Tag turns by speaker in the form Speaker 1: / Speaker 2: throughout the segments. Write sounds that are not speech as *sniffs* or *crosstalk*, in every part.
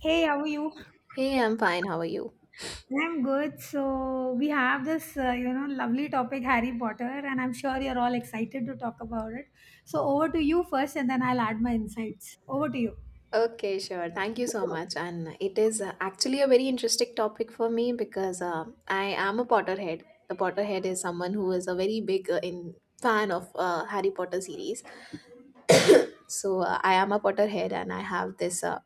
Speaker 1: Hey, how are you?
Speaker 2: Hey, I'm fine. How are you?
Speaker 1: I'm good. So we have this, lovely topic, Harry Potter, and I'm sure you're all excited to talk about it. So over to you first, and then I'll add my insights. Over to you.
Speaker 2: Okay, sure. Thank you so much. And it is actually a very interesting topic for me, because I am a Potterhead. The Potterhead is someone who is a very big in fan of Harry Potter series. So I am a Potterhead, and I have this.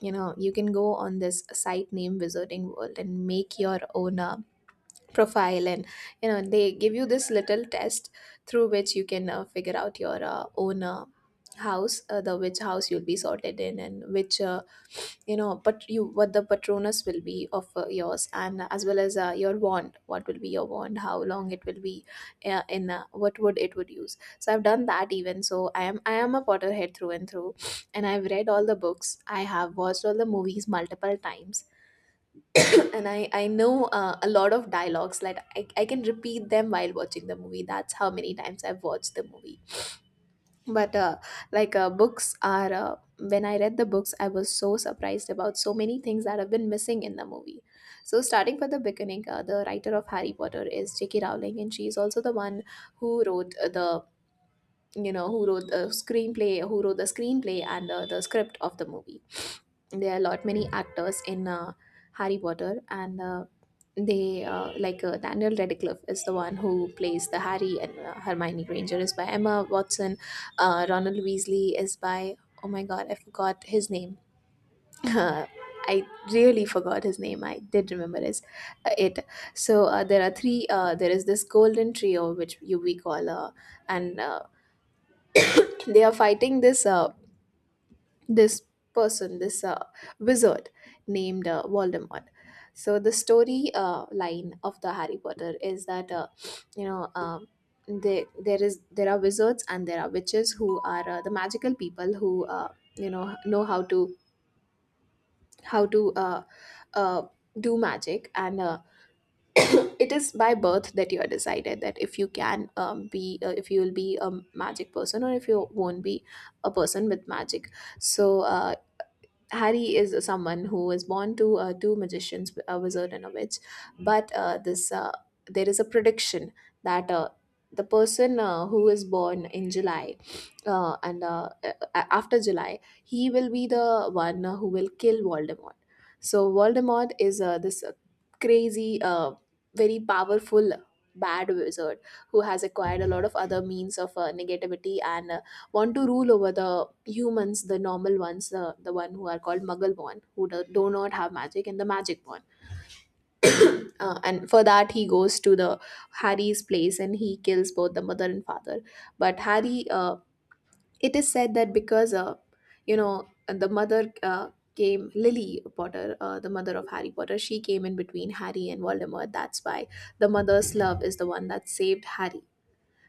Speaker 2: You know, you can go on this site named Wizarding World and make your own profile, and you know they give you this little test through which you can figure out your own house, the which house you'll be sorted in, and which you know but you what the patronus will be of yours, and as well as your wand, what will be your wand, how long it will be in what wood it would use. So I've done that. Even so, I am a Potterhead through and through, and I've read all the books, I have watched all the movies multiple times, and I know a lot of dialogues, like I can repeat them while watching the movie. That's how many times I've watched the movie. But books are, when I read the books, I was so surprised about so many things that have been missing in the movie. So, starting from the beginning, the writer of Harry Potter is J.K. Rowling, and she is also the one who wrote the you know who wrote the screenplay, who wrote the screenplay and the script of the movie. There are a lot many actors in Harry Potter, and they like Daniel Radcliffe is the one who plays the Harry, and Hermione Granger is by Emma Watson. Ronald Weasley is by, oh my god, I forgot his name. *laughs* I really forgot his name. I did remember his, it. So there are three. There is this golden trio, which you we call, and they are fighting this this person, this wizard named Voldemort. So the story line of the Harry Potter is that, you know um, there are wizards and there are witches who are the magical people who you know how to how to uh, uh, do magic, and *coughs* it is by birth that you are decided that if you can be, if you will be a magic person or if you won't be a person with magic. So Harry is someone who is born to two magicians, a wizard and a witch. But this there is a prediction that, the person who is born in July, after July, he will be the one who will kill Voldemort. So Voldemort is this crazy, very powerful, bad wizard who has acquired a lot of other means of negativity, and want to rule over the humans, the normal ones, the one who are called Muggle born, who do not have magic, and the magic born. And for that, he goes to the Harry's place and he kills both the mother and father. But Harry, it is said that, because you know, the mother came, Lily Potter, the mother of Harry Potter, she came in between Harry and Voldemort. That's why the mother's love is the one that saved Harry,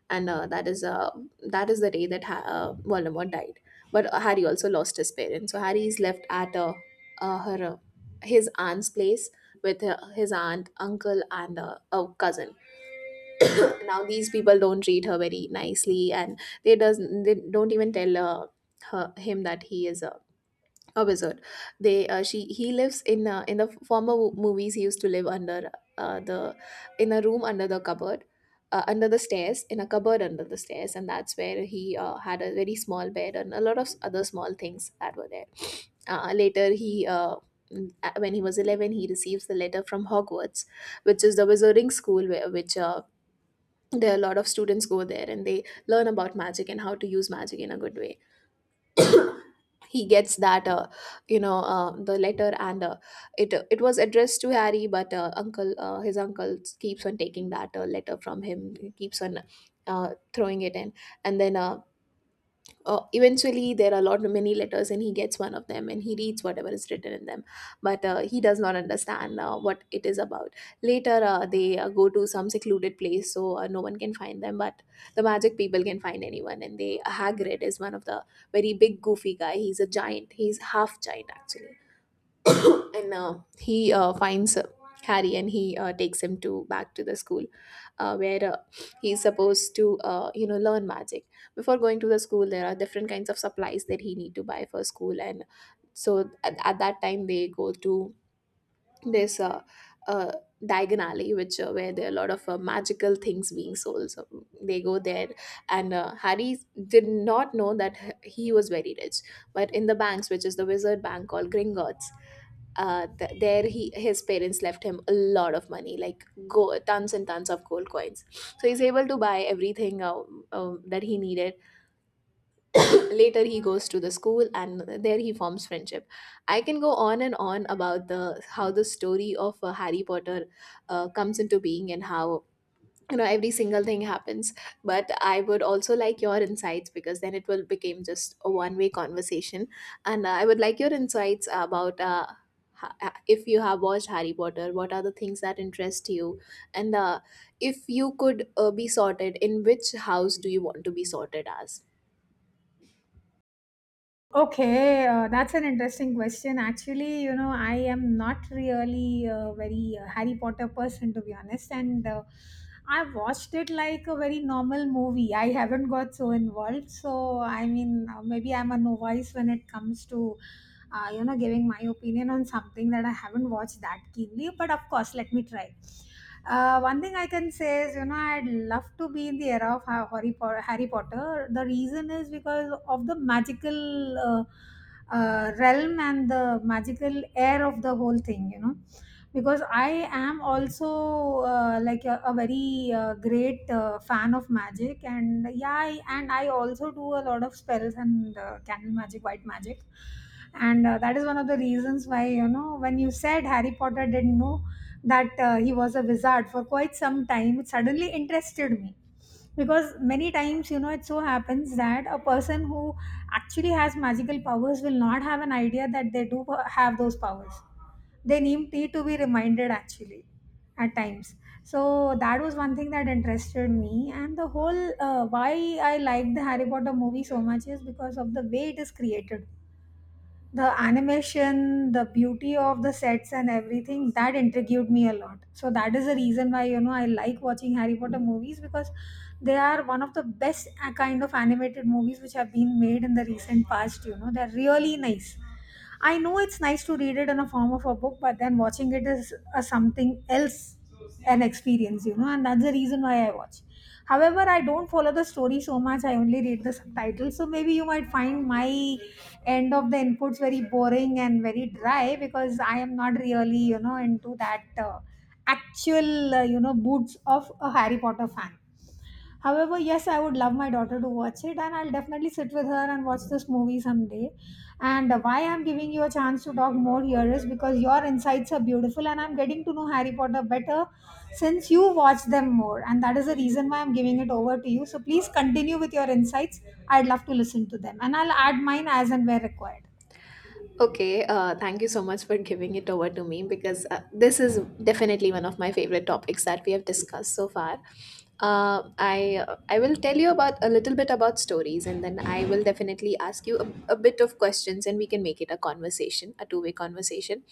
Speaker 2: and that is the day that Voldemort died. But Harry also lost his parents, so Harry is left at her his aunt's place, with his aunt, uncle, and a cousin. Now these people don't treat her very nicely, and they don't even tell her him that he is a wizard. They she He lives in the movies, he used to live under the in a room under the cupboard, under the stairs, in a cupboard under the stairs, and that's where he had a very small bed and a lot of other small things that were there. Later he When he was 11, he receives the letter from Hogwarts, which is the wizarding school where which there are a lot of students go there and they learn about magic and how to use magic in a good way. *coughs* He gets that the letter, and it was addressed to Harry, but uncle his uncle keeps on taking that letter from him, keeps on throwing it in, and then eventually there are a lot many letters, and he gets one of them and he reads whatever is written in them, but he does not understand what it is about. Later, they go to some secluded place so no one can find them, but the magic people can find anyone, and they, Hagrid is one of the very big goofy guy, he's a giant, he's half giant actually. *coughs* And he finds Harry, and he takes him to back to the school, where he's supposed to you know learn magic. Before going to the school, there are different kinds of supplies that he need to buy for school, and so, at that time they go to this uh, Diagon Alley, which where there are a lot of magical things being sold. So they go there, and Harry did not know that he was very rich, but in the banks, which is the wizard bank called Gringotts, there he, his parents left him a lot of money, like go tons and tons of gold coins, so he's able to buy everything that he needed. Later, he goes to the school and there he forms friendship. I can go on and on about the how the story of Harry Potter comes into being, and how you know every single thing happens, but I would also like your insights, because then it will become just a one way conversation. And I would like your insights about, if you have watched Harry Potter, what are the things that interest you, and if you could be sorted, in which house do you want to be sorted as?
Speaker 1: Okay, that's an interesting question. Actually, you know, I am not really a very Harry Potter person, to be honest, and I watched it like a very normal movie. I haven't got so involved. So I mean, maybe I'm a novice when it comes to you know, giving my opinion on something that I haven't watched that keenly, but of course let me try. One thing I can say is, you know, I'd love to be in the era of Harry Potter, Harry Potter. The reason is because of the magical uh, realm and the magical air of the whole thing, you know, because I am also like a very great fan of magic. And I also do a lot of spells and candle magic, white magic. And that is one of the reasons why, you know, when you said Harry Potter didn't know that he was a wizard for quite some time, it suddenly interested me, because many times, you know, it so happens that a person who actually has magical powers will not have an idea that they do have those powers. They need to be reminded actually at times. So that was one thing that interested me, and the whole why I liked the Harry Potter movie so much is because of the way it is created. The animation, the beauty of the sets and everything that intrigued me a lot. So that is the reason why, you know, I like watching Harry Potter movies, because they are one of the best kind of animated movies which have been made in the recent past. You know, they're really nice. I know it's nice to read it in a form of a book, but then watching it is a something else, an experience, you know, and that's the reason why I watch. However, I don't follow the story so much. I only read the subtitles. So maybe you might find my end of the inputs very boring and very dry because I am not really, you know, into that actual, you know, boots of a Harry Potter fan. However, yes, I would love my daughter to watch it, and I'll definitely sit with her and watch this movie someday. And why I'm giving you a chance to talk more here is because your insights are beautiful, and I'm getting to know Harry Potter better since you watch them more. And that is the reason why I'm giving it over to you. So please continue with your insights. I'd love to listen to them, and I'll add mine as and where required.
Speaker 2: Okay, thank you so much for giving it over to me, because this is definitely one of my favorite topics that we have discussed so far. I will tell you about a little bit about stories, and then I will definitely ask you a bit of questions, and we can make it a conversation, a two-way conversation.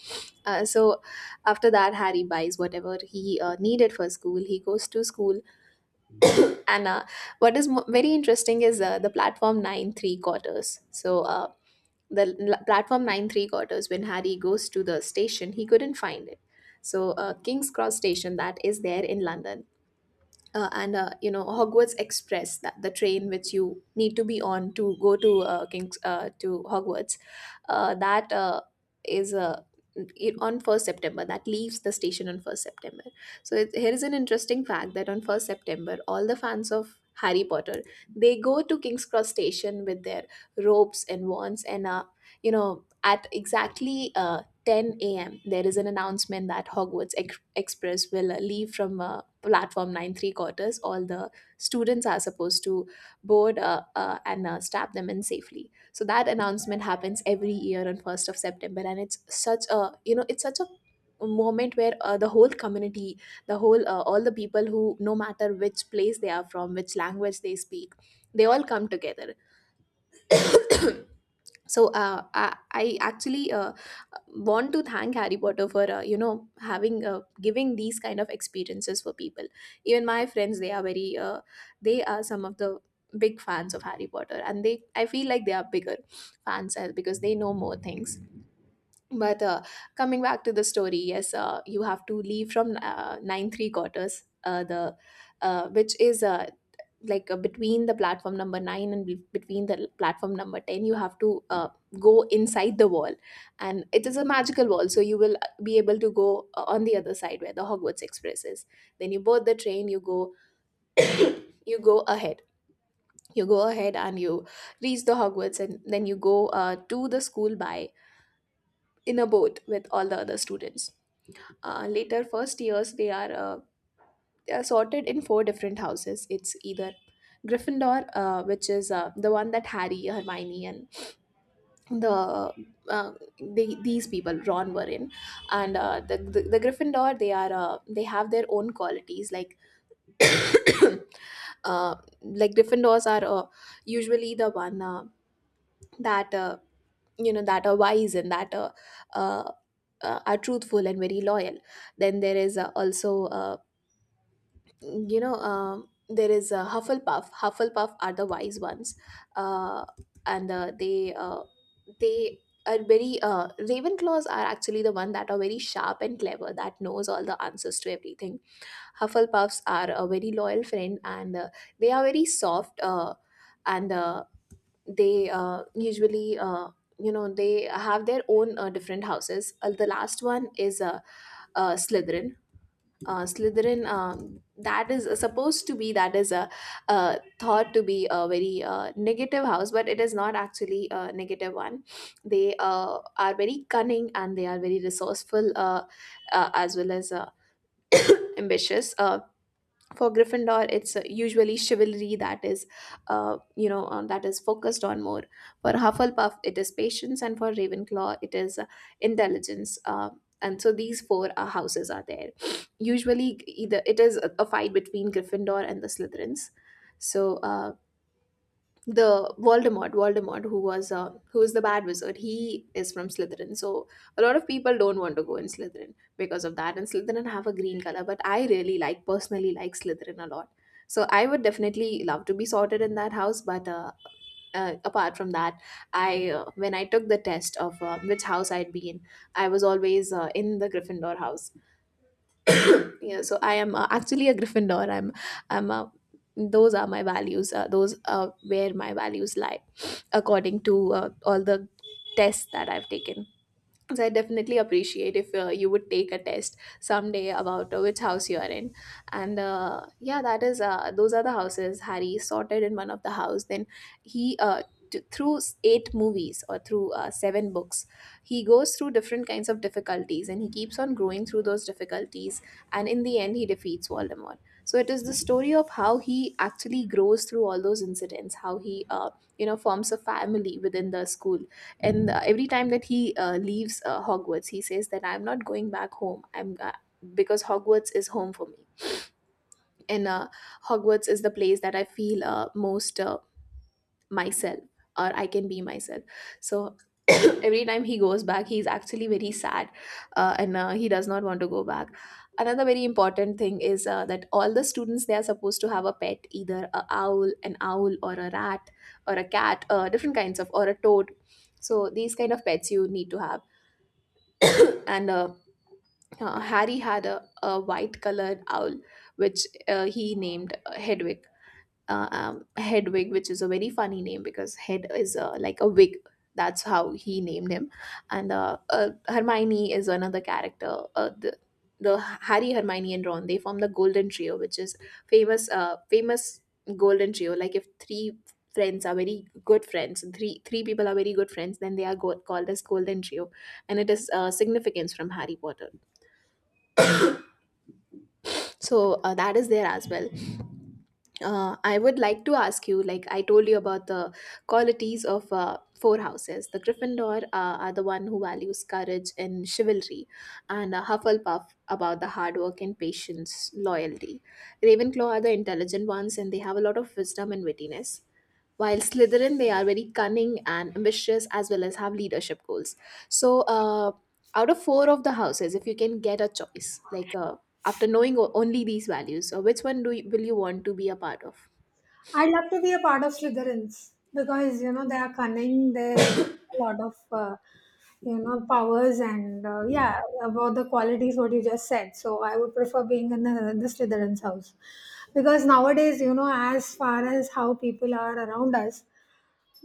Speaker 2: So after that, Harry buys whatever he needed for school. He goes to school, and what is very interesting is the platform 9 3 quarters. Platform 9 3 quarters, when Harry goes to the station, he couldn't find it. So King's Cross station, that is there in London, and you know, Hogwarts Express, that the train which you need to be on to go to King's to Hogwarts, that is it, on first September. That leaves the station on first September. So it, here is an interesting fact that on first September all the fans of Harry Potter, they go to King's Cross station with their ropes and wands, and you know at exactly 10 a.m. there is an announcement that Hogwarts Express will leave from platform 9 3 quarters. All the students are supposed to board and strap them in safely, so that announcement happens every year on 1st of September. And it's such a it's such a moment where the whole community, the whole all the people, who no matter which place they are from, which language they speak, they all come together. *coughs* So I actually want to thank Harry Potter for having giving these kind of experiences for people. Even my friends, they are very they are some of the big fans of Harry Potter, and they, I feel like they are bigger fans, as because they know more things. But Coming back to the story, yes, you have to leave from 9 3 quarters, the which is between the platform number 9 and platform number 10. You have to go inside the wall, and it is a magical wall, so you will be able to go on the other side, where the Hogwarts Express is. Then you board the train, you go, you go ahead you go ahead, and you reach the Hogwarts, and then you go to the school by in a boat with all the other students. Later, first years, they are they are sorted in four different houses. It's either Gryffindor, which is the one that Harry, Hermione, and the, uh, these people, Ron, were in. And uh, the, the the Gryffindor, they are they have their own qualities, like *coughs* *clears throat* uh, like Gryffindors are usually the one that you know that are wise, and that uh, are truthful and very loyal. Then there is there is a Hufflepuff. Hufflepuff are the wise ones, uh, and they they are very Ravenclaws are actually the one that are very sharp and clever, that knows all the answers to everything. Hufflepuffs are a very loyal friend, and they are very soft, and they usually. They have their own different houses. The last one is Slytherin. Slytherin that is supposed to be, that is a, thought to be a very negative house, but it is not actually a negative one. They are very cunning, and they are very resourceful, as well as ambitious. For Gryffindor, it's usually chivalry that is that is focused on more. For Hufflepuff, it is patience, and for Ravenclaw, it is intelligence. And so these four houses are there. Usually, either it is a fight between Gryffindor and the Slytherins. So Voldemort, who was who is the bad wizard, he is from Slytherin. So a lot of people don't want to go in Slytherin because of that. And Slytherin have a green color, but I really like, personally like Slytherin a lot. So I would definitely love to be sorted in that house. But Apart from that, I when I took the test of which house I'd be in, I was always in the Gryffindor house. Yeah, so I am actually a Gryffindor. I'm i'm a those are my values, those are where my values lie, *sniffs* according to all the tests that I've taken. So I definitely appreciate if you would take a test someday about which house you are in. And yeah, that is Those are the houses. Harry sorted in one of the house, then he through eight movies, or through seven books, he goes through different kinds of difficulties, and he keeps on growing through those difficulties, and in the end, he defeats Voldemort. So it is the story of how he actually grows through all those incidents, how he forms a family within the school. And every time that he leaves Hogwarts, he says that I'm not going back home, I'm because Hogwarts is home for me. And Hogwarts is the place that I feel most myself, or I can be myself. So *coughs* *clears throat* every time he goes back, he's actually very sad. And He does not want to go back. Another very important thing is that all the students, they are supposed to have a pet, either a owl an owl, or a rat, or a cat, different kinds of, or a toad. So these kind of pets you need to have. And uh, uh, harry had a white colored owl, which he named Hedwig, which is a very funny name, because head is like a wig. That's how he named him. And Hermione is another character. The Harry, Hermione, and Ron, they form the Golden Trio, which is famous. Famous Golden Trio. Like if three friends are very good friends, three people are very good friends, then they are called as Golden Trio, and it is significance from Harry Potter. So that is there as well. I would like to ask you, like I told you about the qualities of four houses. The Gryffindor are the one who values courage and chivalry, and Hufflepuff about the hard work and patience, loyalty. Ravenclaw are the intelligent ones, and they have a lot of wisdom and wittiness. While Slytherin, they are very cunning and ambitious, as well as have leadership goals. So, out of four of the houses, if you can get a choice, after knowing only these values, which one do you, will you want to be a part of?
Speaker 1: I'd love to be a part of Slytherins because, you know, they are cunning. They have a lot of you know, powers and yeah, about the qualities what you just said. So I would prefer being in the Slytherins house because nowadays, you know, as far as how people are around us,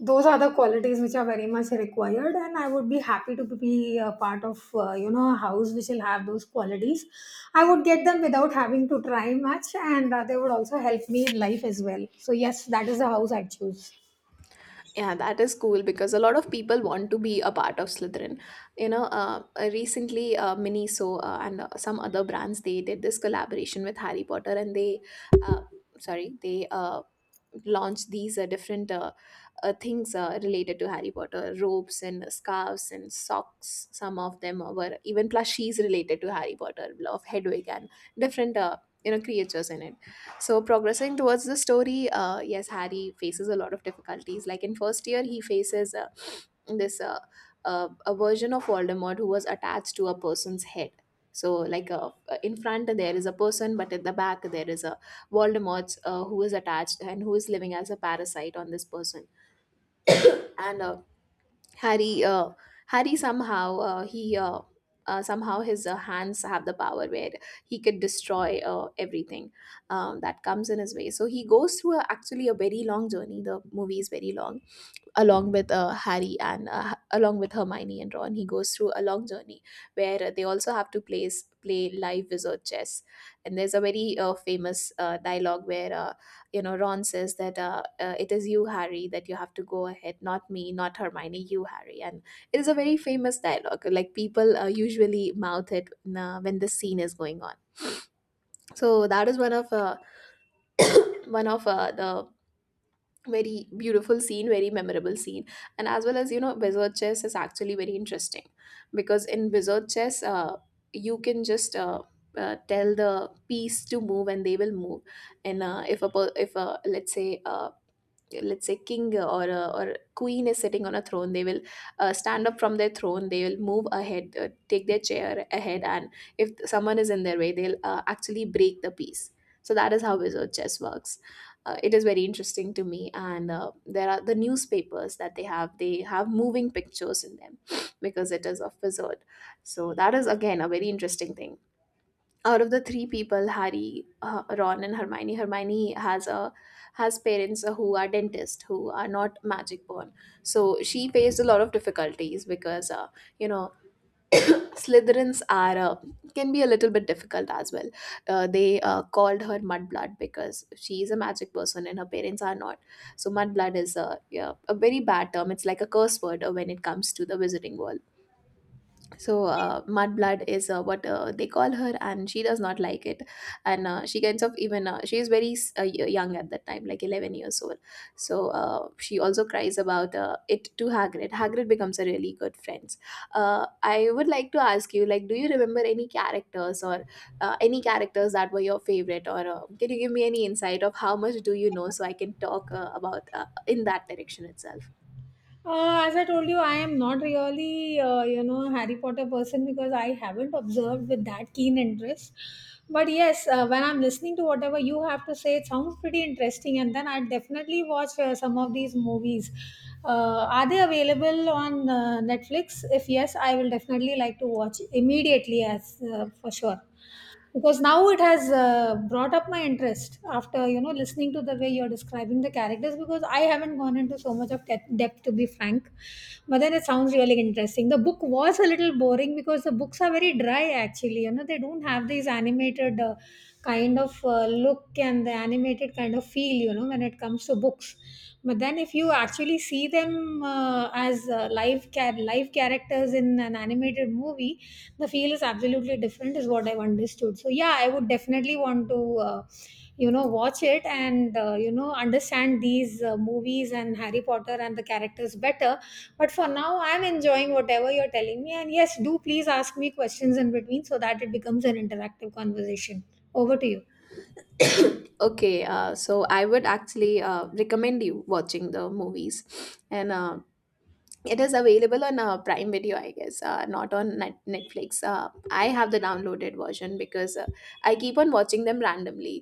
Speaker 1: those are the qualities which are very much required, and I would be happy to be a part of you know, a house which will have those qualities. I would get them without having to try much, and they would also help me in life as well. So yes, that is the house I choose.
Speaker 2: Yeah, that is cool because a lot of people want to be a part of Slytherin. You know, recently Miniso and some other brands, they did this collaboration with Harry Potter, and they, uh, sorry, they launch these different things related to Harry Potter, ropes and scarves and socks. Some of them were even plushies related to Harry Potter, of Hedwig, and different. Creatures in it. So progressing towards the story, yes, Harry faces a lot of difficulties. Like in first year, he faces this a version of Voldemort, who was attached to a person's head. So, like, in front there is a person, but at the back there is a Voldemort, who is attached and who is living as a parasite on this person. And uh, Harry, uh, Harry somehow he somehow his hands have the power where he could destroy everything that comes in his way. So he goes through actually a very long journey. The movie is very long, along with Harry, and along with Hermione and Ron. He goes through a long journey, where they also have to play live wizard chess. And there's a very famous dialogue where Ron says that it is you, Harry, that you have to go ahead, not me, not Hermione, you, Harry. And it is a very famous dialogue. Like people usually mouth it when the scene is going on. So that is one of the very beautiful scene, very memorable scene. And as well, as you know, wizard chess is actually very interesting, because in wizard chess, you can just tell the piece to move and they will move. And if a, let's say, king, or a, or queen, is sitting on a throne, they will stand up from their throne, they will move ahead, take their chair ahead, and if someone is in their way, they'll actually break the piece. So that is how wizard chess works. It is very interesting to me. And there are the newspapers that they have, they have moving pictures in them, *sniffs* because it is of wizard. So that is again a very interesting thing. Out of the three people, Harry, Ron and Hermione, Hermione has a, has parents who are dentists, who are not magic born. So she faced a lot of difficulties, because you know *coughs* Slytherins are can be a little bit difficult as well. They called her Mudblood, because she is a magic person and her parents are not. So Mudblood is a, yeah, a very bad term. It's like a curse word when it comes to the wizarding world. So Mudblood is what they call her, and she does not like it. And she kinds of even she is very young at that time, like 11 years old. So she also cries about it to Hagrid. Hagrid becomes a really good friend. I would like to ask you, like, do you remember any characters, or any characters that were your favorite, or can you give me any insight of how much do you know, so I can talk about in that direction itself?
Speaker 1: As I told you, I am not really, you know, Harry Potter person because I haven't observed with that keen interest. But yes, when I'm listening to whatever you have to say, it sounds pretty interesting, and then I'd definitely watch some of these movies. Are they available on Netflix? If yes, I will definitely like to watch immediately, as for sure, because now it has brought up my interest after, you know, listening to the way you're describing the characters, because I haven't gone into so much of depth, to be frank. But then it sounds really interesting. The book was a little boring because the books are very dry actually, you know. They don't have these animated kind of look and the animated kind of feel, you know, when it comes to books. But then if you actually see them as live characters in an animated movie, the feel is absolutely different, is what I've understood. So yeah, I would definitely want to uh, you know, watch it and you know, understand these movies and Harry Potter and the characters better. But for now, I'm enjoying whatever you're telling me, and yes, do please ask me questions in between so that it becomes an interactive conversation. Over to you.
Speaker 2: *coughs* Okay, so I would actually recommend you watching the movies. And It is available on Prime Video, I guess, not on Netflix. I have the downloaded version, because I keep on watching them randomly.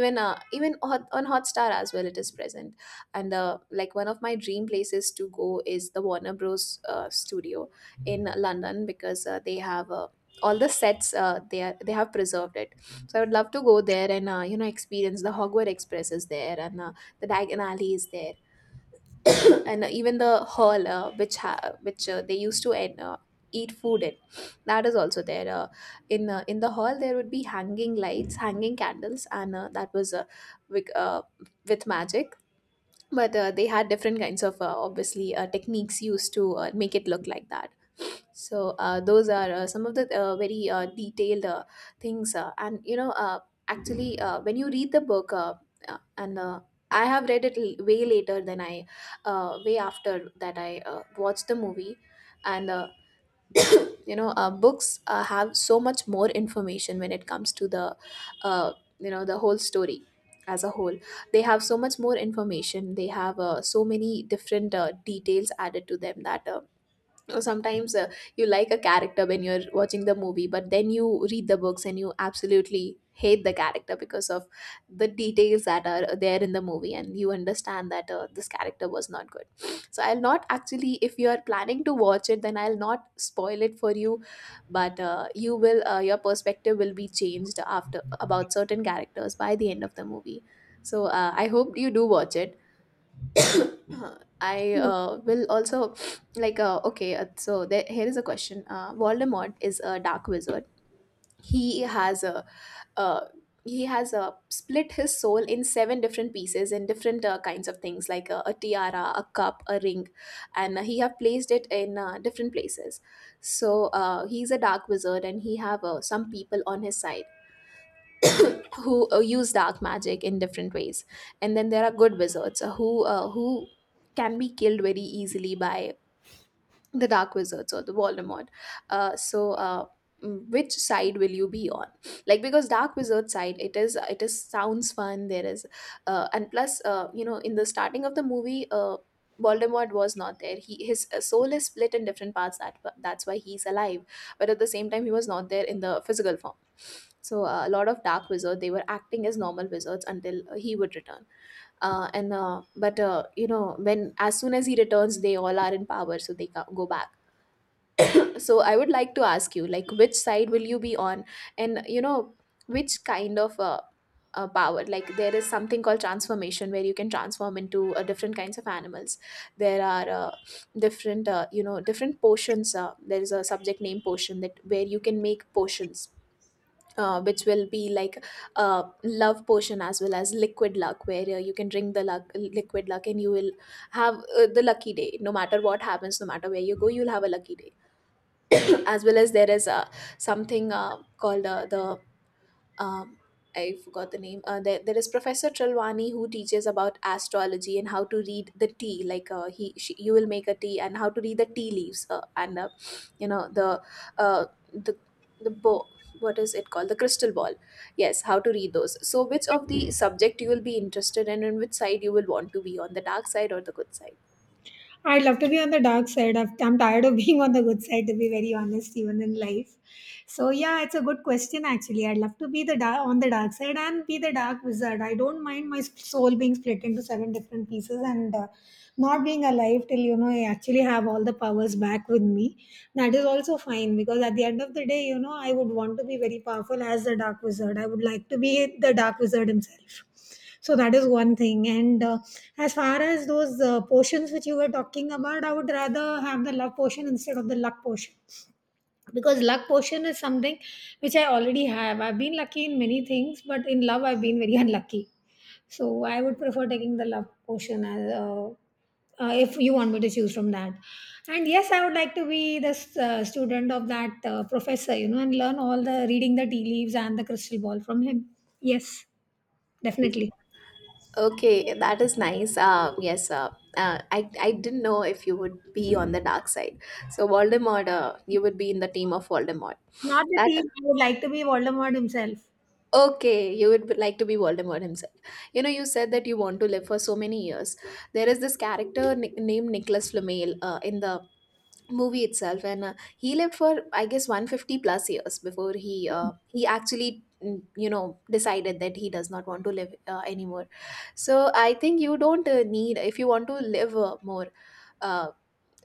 Speaker 2: On Hotstar as well, it is present. And like one of my dream places to go is the Warner Bros. Studio in London because they have all the sets. They have preserved it. So I would love to go there and you know experience the Hogwarts Express is there and the Diagon Alley is there and even the hall which they used to eat food in, that is also there in the hall. There would be hanging lights, hanging candles, and that was with, uh, with magic, but they had different kinds of obviously techniques used to make it look like that. So those are some of the very detailed things, and when you read the book, and I have read it way later than way after that I watched the movie, and books have so much more information when it comes to uh, the whole story as a whole. They have so much more information. They have so many different details added to them that. Sometimes you like a character when you're watching the movie, but then you read the books and you absolutely hate the character because of the details that are there in the movie, and you understand that this character was not good. So I'll not, actually, if you are planning to watch it, then I'll not spoil it for you, but your perspective will be changed after about certain characters by the end of the movie. So I hope you do watch it. *coughs* I will also like okay. Here is a question. Voldemort is a dark wizard. He has a uh, he has split his soul in seven different pieces in different kinds of things, like a tiara, a cup, a ring, and he have placed it in different places. So he's a dark wizard, and he have some people on his side *coughs* who use dark magic in different ways, and then there are good wizards who can be killed very easily by the dark wizards or the Voldemort. So which side will you be on? Like, because dark wizard side, it is sounds fun. There is and plus you know, in the starting of the movie, Voldemort was not there. He, his soul is split in different parts. That that's why he's alive. But at the same time, he was not there in the physical form. So a lot of dark wizards, they were acting as normal wizards until he would return. And but you know, when, as soon as he returns, they all are in power, so they go back. So I would like to ask you, like, which side will you be on? And you know, which kind of power, like there is something called transformation, where you can transform into different kinds of animals. There are different you know, different potions. There is a subject name potion, that where you can make potions which will be like love potion, as well as liquid luck, where you can drink the luck, liquid luck, and you will have the lucky day, no matter what happens, no matter where you go, you'll have a lucky day. *clears throat* as well as there is something called the um, I forgot the name. There is Professor Trelwani, who teaches about astrology and how to read the tea. Like she, you will make a tea and how to read the tea leaves and you know, the uh, the the bo- what is it called, the crystal ball. Yes, how to read those. So which of the subject you will be interested in, and which side you will want to be on, the dark side or the good side?
Speaker 1: I'd love to be on the dark side. I'm tired of *laughs* being on the good side, to be very honest, even in life. So yeah, it's a good question actually. I'd love to be the dark, on the dark side, and be the dark wizard. I don't mind my soul being split into seven different pieces and not being alive till, you know, I actually have all the powers back with me. That is also fine because at the end of the day, you know, I would want to be very powerful as the dark wizard. I would like to be the dark wizard himself. So that is one thing, and as far as those potions which you were talking about, I would rather have the love potion instead of the luck potion, because luck potion is something which I already have. I've been lucky in many things, but in love I've been very *laughs* unlucky. So I would prefer taking the love potion, as if you want me to choose from that. And yes, I would like to be the student of that professor, you know, and learn all the reading the tea leaves and the crystal ball from him. Yes, definitely.
Speaker 2: Okay, that is nice. Yes, I didn't know if you would be on the dark side. So Voldemort, you would be in the team of Voldemort.
Speaker 1: Not that he,
Speaker 2: That
Speaker 1: I would like to be Voldemort himself.
Speaker 2: okay, you would like to be Voldemort himself. You know, you said that you want to live for so many years. There is this character named Nicholas Flamel in the movie itself, and he lived for, I guess, 150 plus years before he he actually you know, decided that he does not want to live anymore. So I think you don't need, if you want to live more, uh,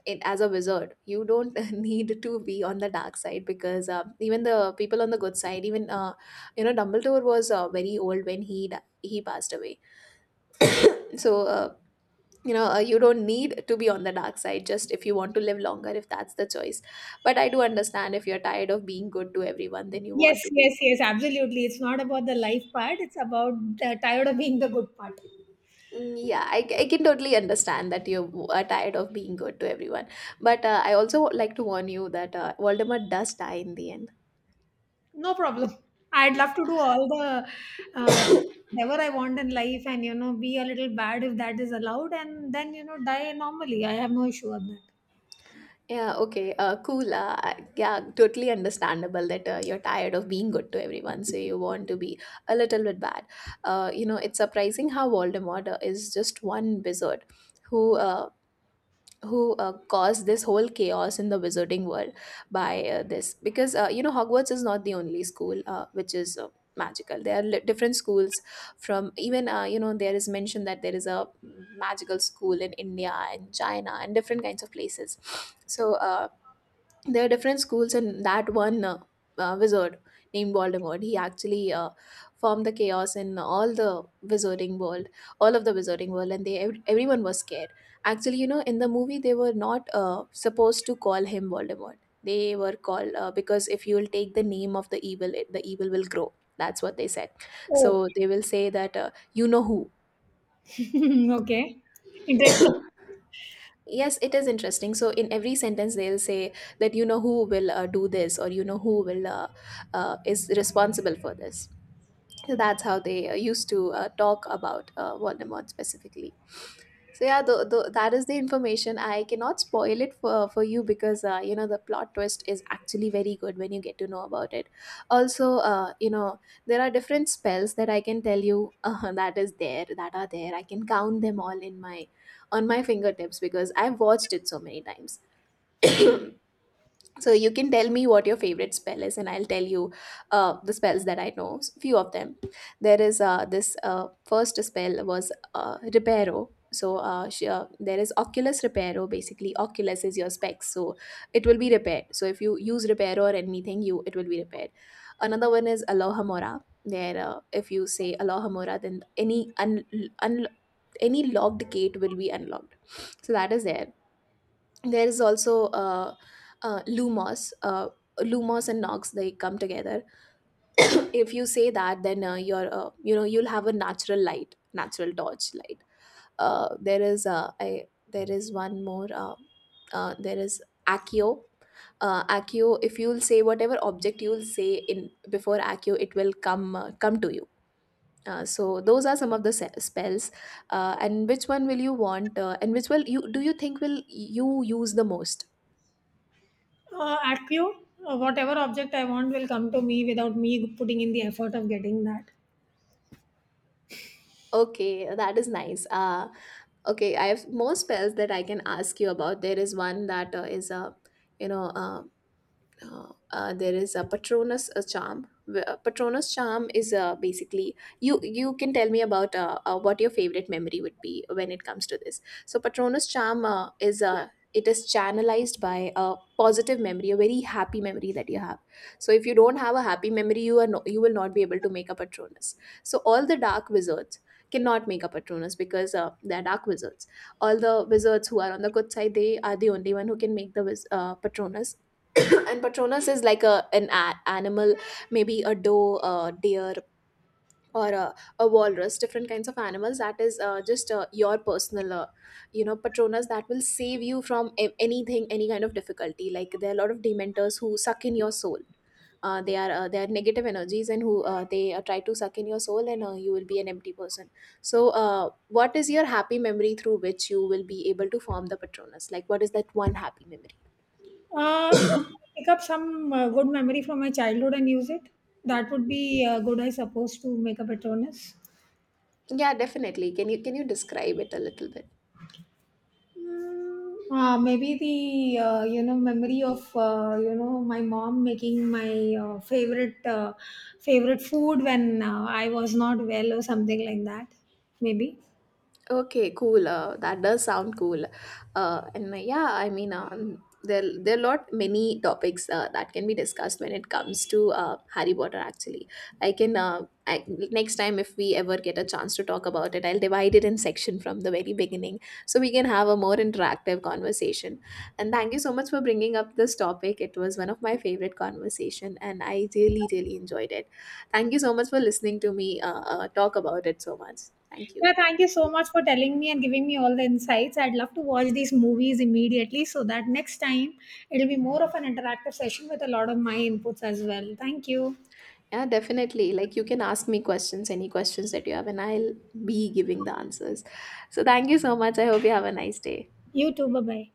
Speaker 2: as a wizard, you don't *laughs* need to be on the dark side, because even the people on the good side, even you know, Dumbledore was very old when he he passed away. So you don't need to be on the dark side, just if you want to live longer, if that's the choice. But I do understand, if you're tired of being good to everyone, then you
Speaker 1: Yes,
Speaker 2: want to be
Speaker 1: yes, yes, absolutely. It's not about the life part, it's about the tired of being the good part.
Speaker 2: Yeah, I can totally understand that you are tired of being good to everyone, but I also like to warn you that Voldemort does die in the end.
Speaker 1: No problem. I'd love to do all the uh, whatever I want in life, and, you know, be a little bad if that is allowed, and then, you know, die normally. I have no issue on that.
Speaker 2: Yeah, okay, cool. I- yeah, totally understandable that you're tired of being good to everyone, so you want to be a little bit bad. You know, it's surprising how Voldemort is just one wizard who caused this whole chaos in the wizarding world by this, because you know, Hogwarts is not the only school which is magical. There are different schools, from even you know, there is mention that there is a magical school in India and China and different kinds of places. So there are different schools, and that one wizard named Voldemort, he actually formed the chaos in all the wizarding world, all of the wizarding world, and they everyone was scared. Actually, you know, in the movie they were not supposed to call him Voldemort. They were called because if you will take the name of the evil, it, the evil will grow. That's what they said.
Speaker 1: Oh,
Speaker 2: So they will say that, you know who.
Speaker 1: *laughs* okay. Interesting.
Speaker 2: Yes, it is interesting. So in every sentence they'll say that, you know who will do this, or you know who will is responsible for this. So that's how they used to talk about Voldemort specifically. So yeah, that is the information. I cannot spoil it for you, because you know, the plot twist is actually very good when you get to know about it. Also, you know, there are different spells that I can tell you *laughs* that are there. I can count them all in my on my fingertips, because I've watched it so many times. So you can tell me what your favorite spell is, and I'll tell you the spells that I know. Few of them. There is this first spell was Reparo. So there is Oculus Reparo. Basically, Oculus is your specs, so it will be repaired. So if you use Reparo or anything, you it will be repaired. Another one is Aloha Mora. Where if you say Aloha, then un- any locked gate will be unlocked. So that is there. There is also lumos, lumos and nox, they come together. *coughs* if you say that, then you know, you'll have a natural light, natural torch light. There is one more there is accio. Accio, if you'll say whatever object you'll say in before accio, it will come come to you. So those are some of the spells. And which one will you want, and which will you do you think will you use the most?
Speaker 1: At whatever object I want will come to me without me putting in the effort of getting that.
Speaker 2: Okay, that is nice. Okay, I have more spells that I can ask you about. There is one that is a, you know, there is a patronus charm. Patronus charm is basically you, you can tell me about what your favorite memory would be when it comes to this. So patronus charm is it is channelized by a positive memory, a very happy memory that you have. So if you don't have a happy memory, you are no, you will not be able to make a patronus. So all the dark wizards cannot make a patronus, because they're dark wizards. All the wizards who are on the good side, they are the only one who can make the patronus. *coughs* *clears throat* and patronus is like a an animal, maybe a doe, a deer, or a walrus, different kinds of animals. That is just your personal you know, patronus, that will save you from anything, any kind of difficulty. Like, there are a lot of dementors who suck in your soul. They are negative energies, and who they try to suck in your soul, and you will be an empty person. So what is your happy memory, through which you will be able to form the patronus? Like, what is that one happy memory?
Speaker 1: If I pick up some good memory from my childhood and use it, that would be good, I suppose, to make a patronus.
Speaker 2: Yeah, definitely. Can you describe it a little bit?
Speaker 1: Mm, maybe the you know, memory of you know, my mom making my favorite food when I was not well or something like that. Maybe.
Speaker 2: Okay, cool. That does sound cool. And yeah, I mean, there, there are lot many topics that can be discussed when it comes to Harry Potter. Actually, I can next time if we ever get a chance to talk about it, I'll divide it in section from the very beginning, so we can have a more interactive conversation. And thank you so much for bringing up this topic. It was one of my favorite conversation, and I really really enjoyed it. Thank you so much for listening to me talk about it so much. Thank you.
Speaker 1: Yeah, thank you so much for telling me and giving me all the insights. I'd love to watch these movies immediately so that next time it'll be more of an interactive session with a lot of my inputs as well. Thank you.
Speaker 2: Yeah, definitely. Like, you can ask me questions, any questions that you have, and I'll be giving the answers. So thank you so much. I hope you have a nice day.
Speaker 1: You too. Bye bye.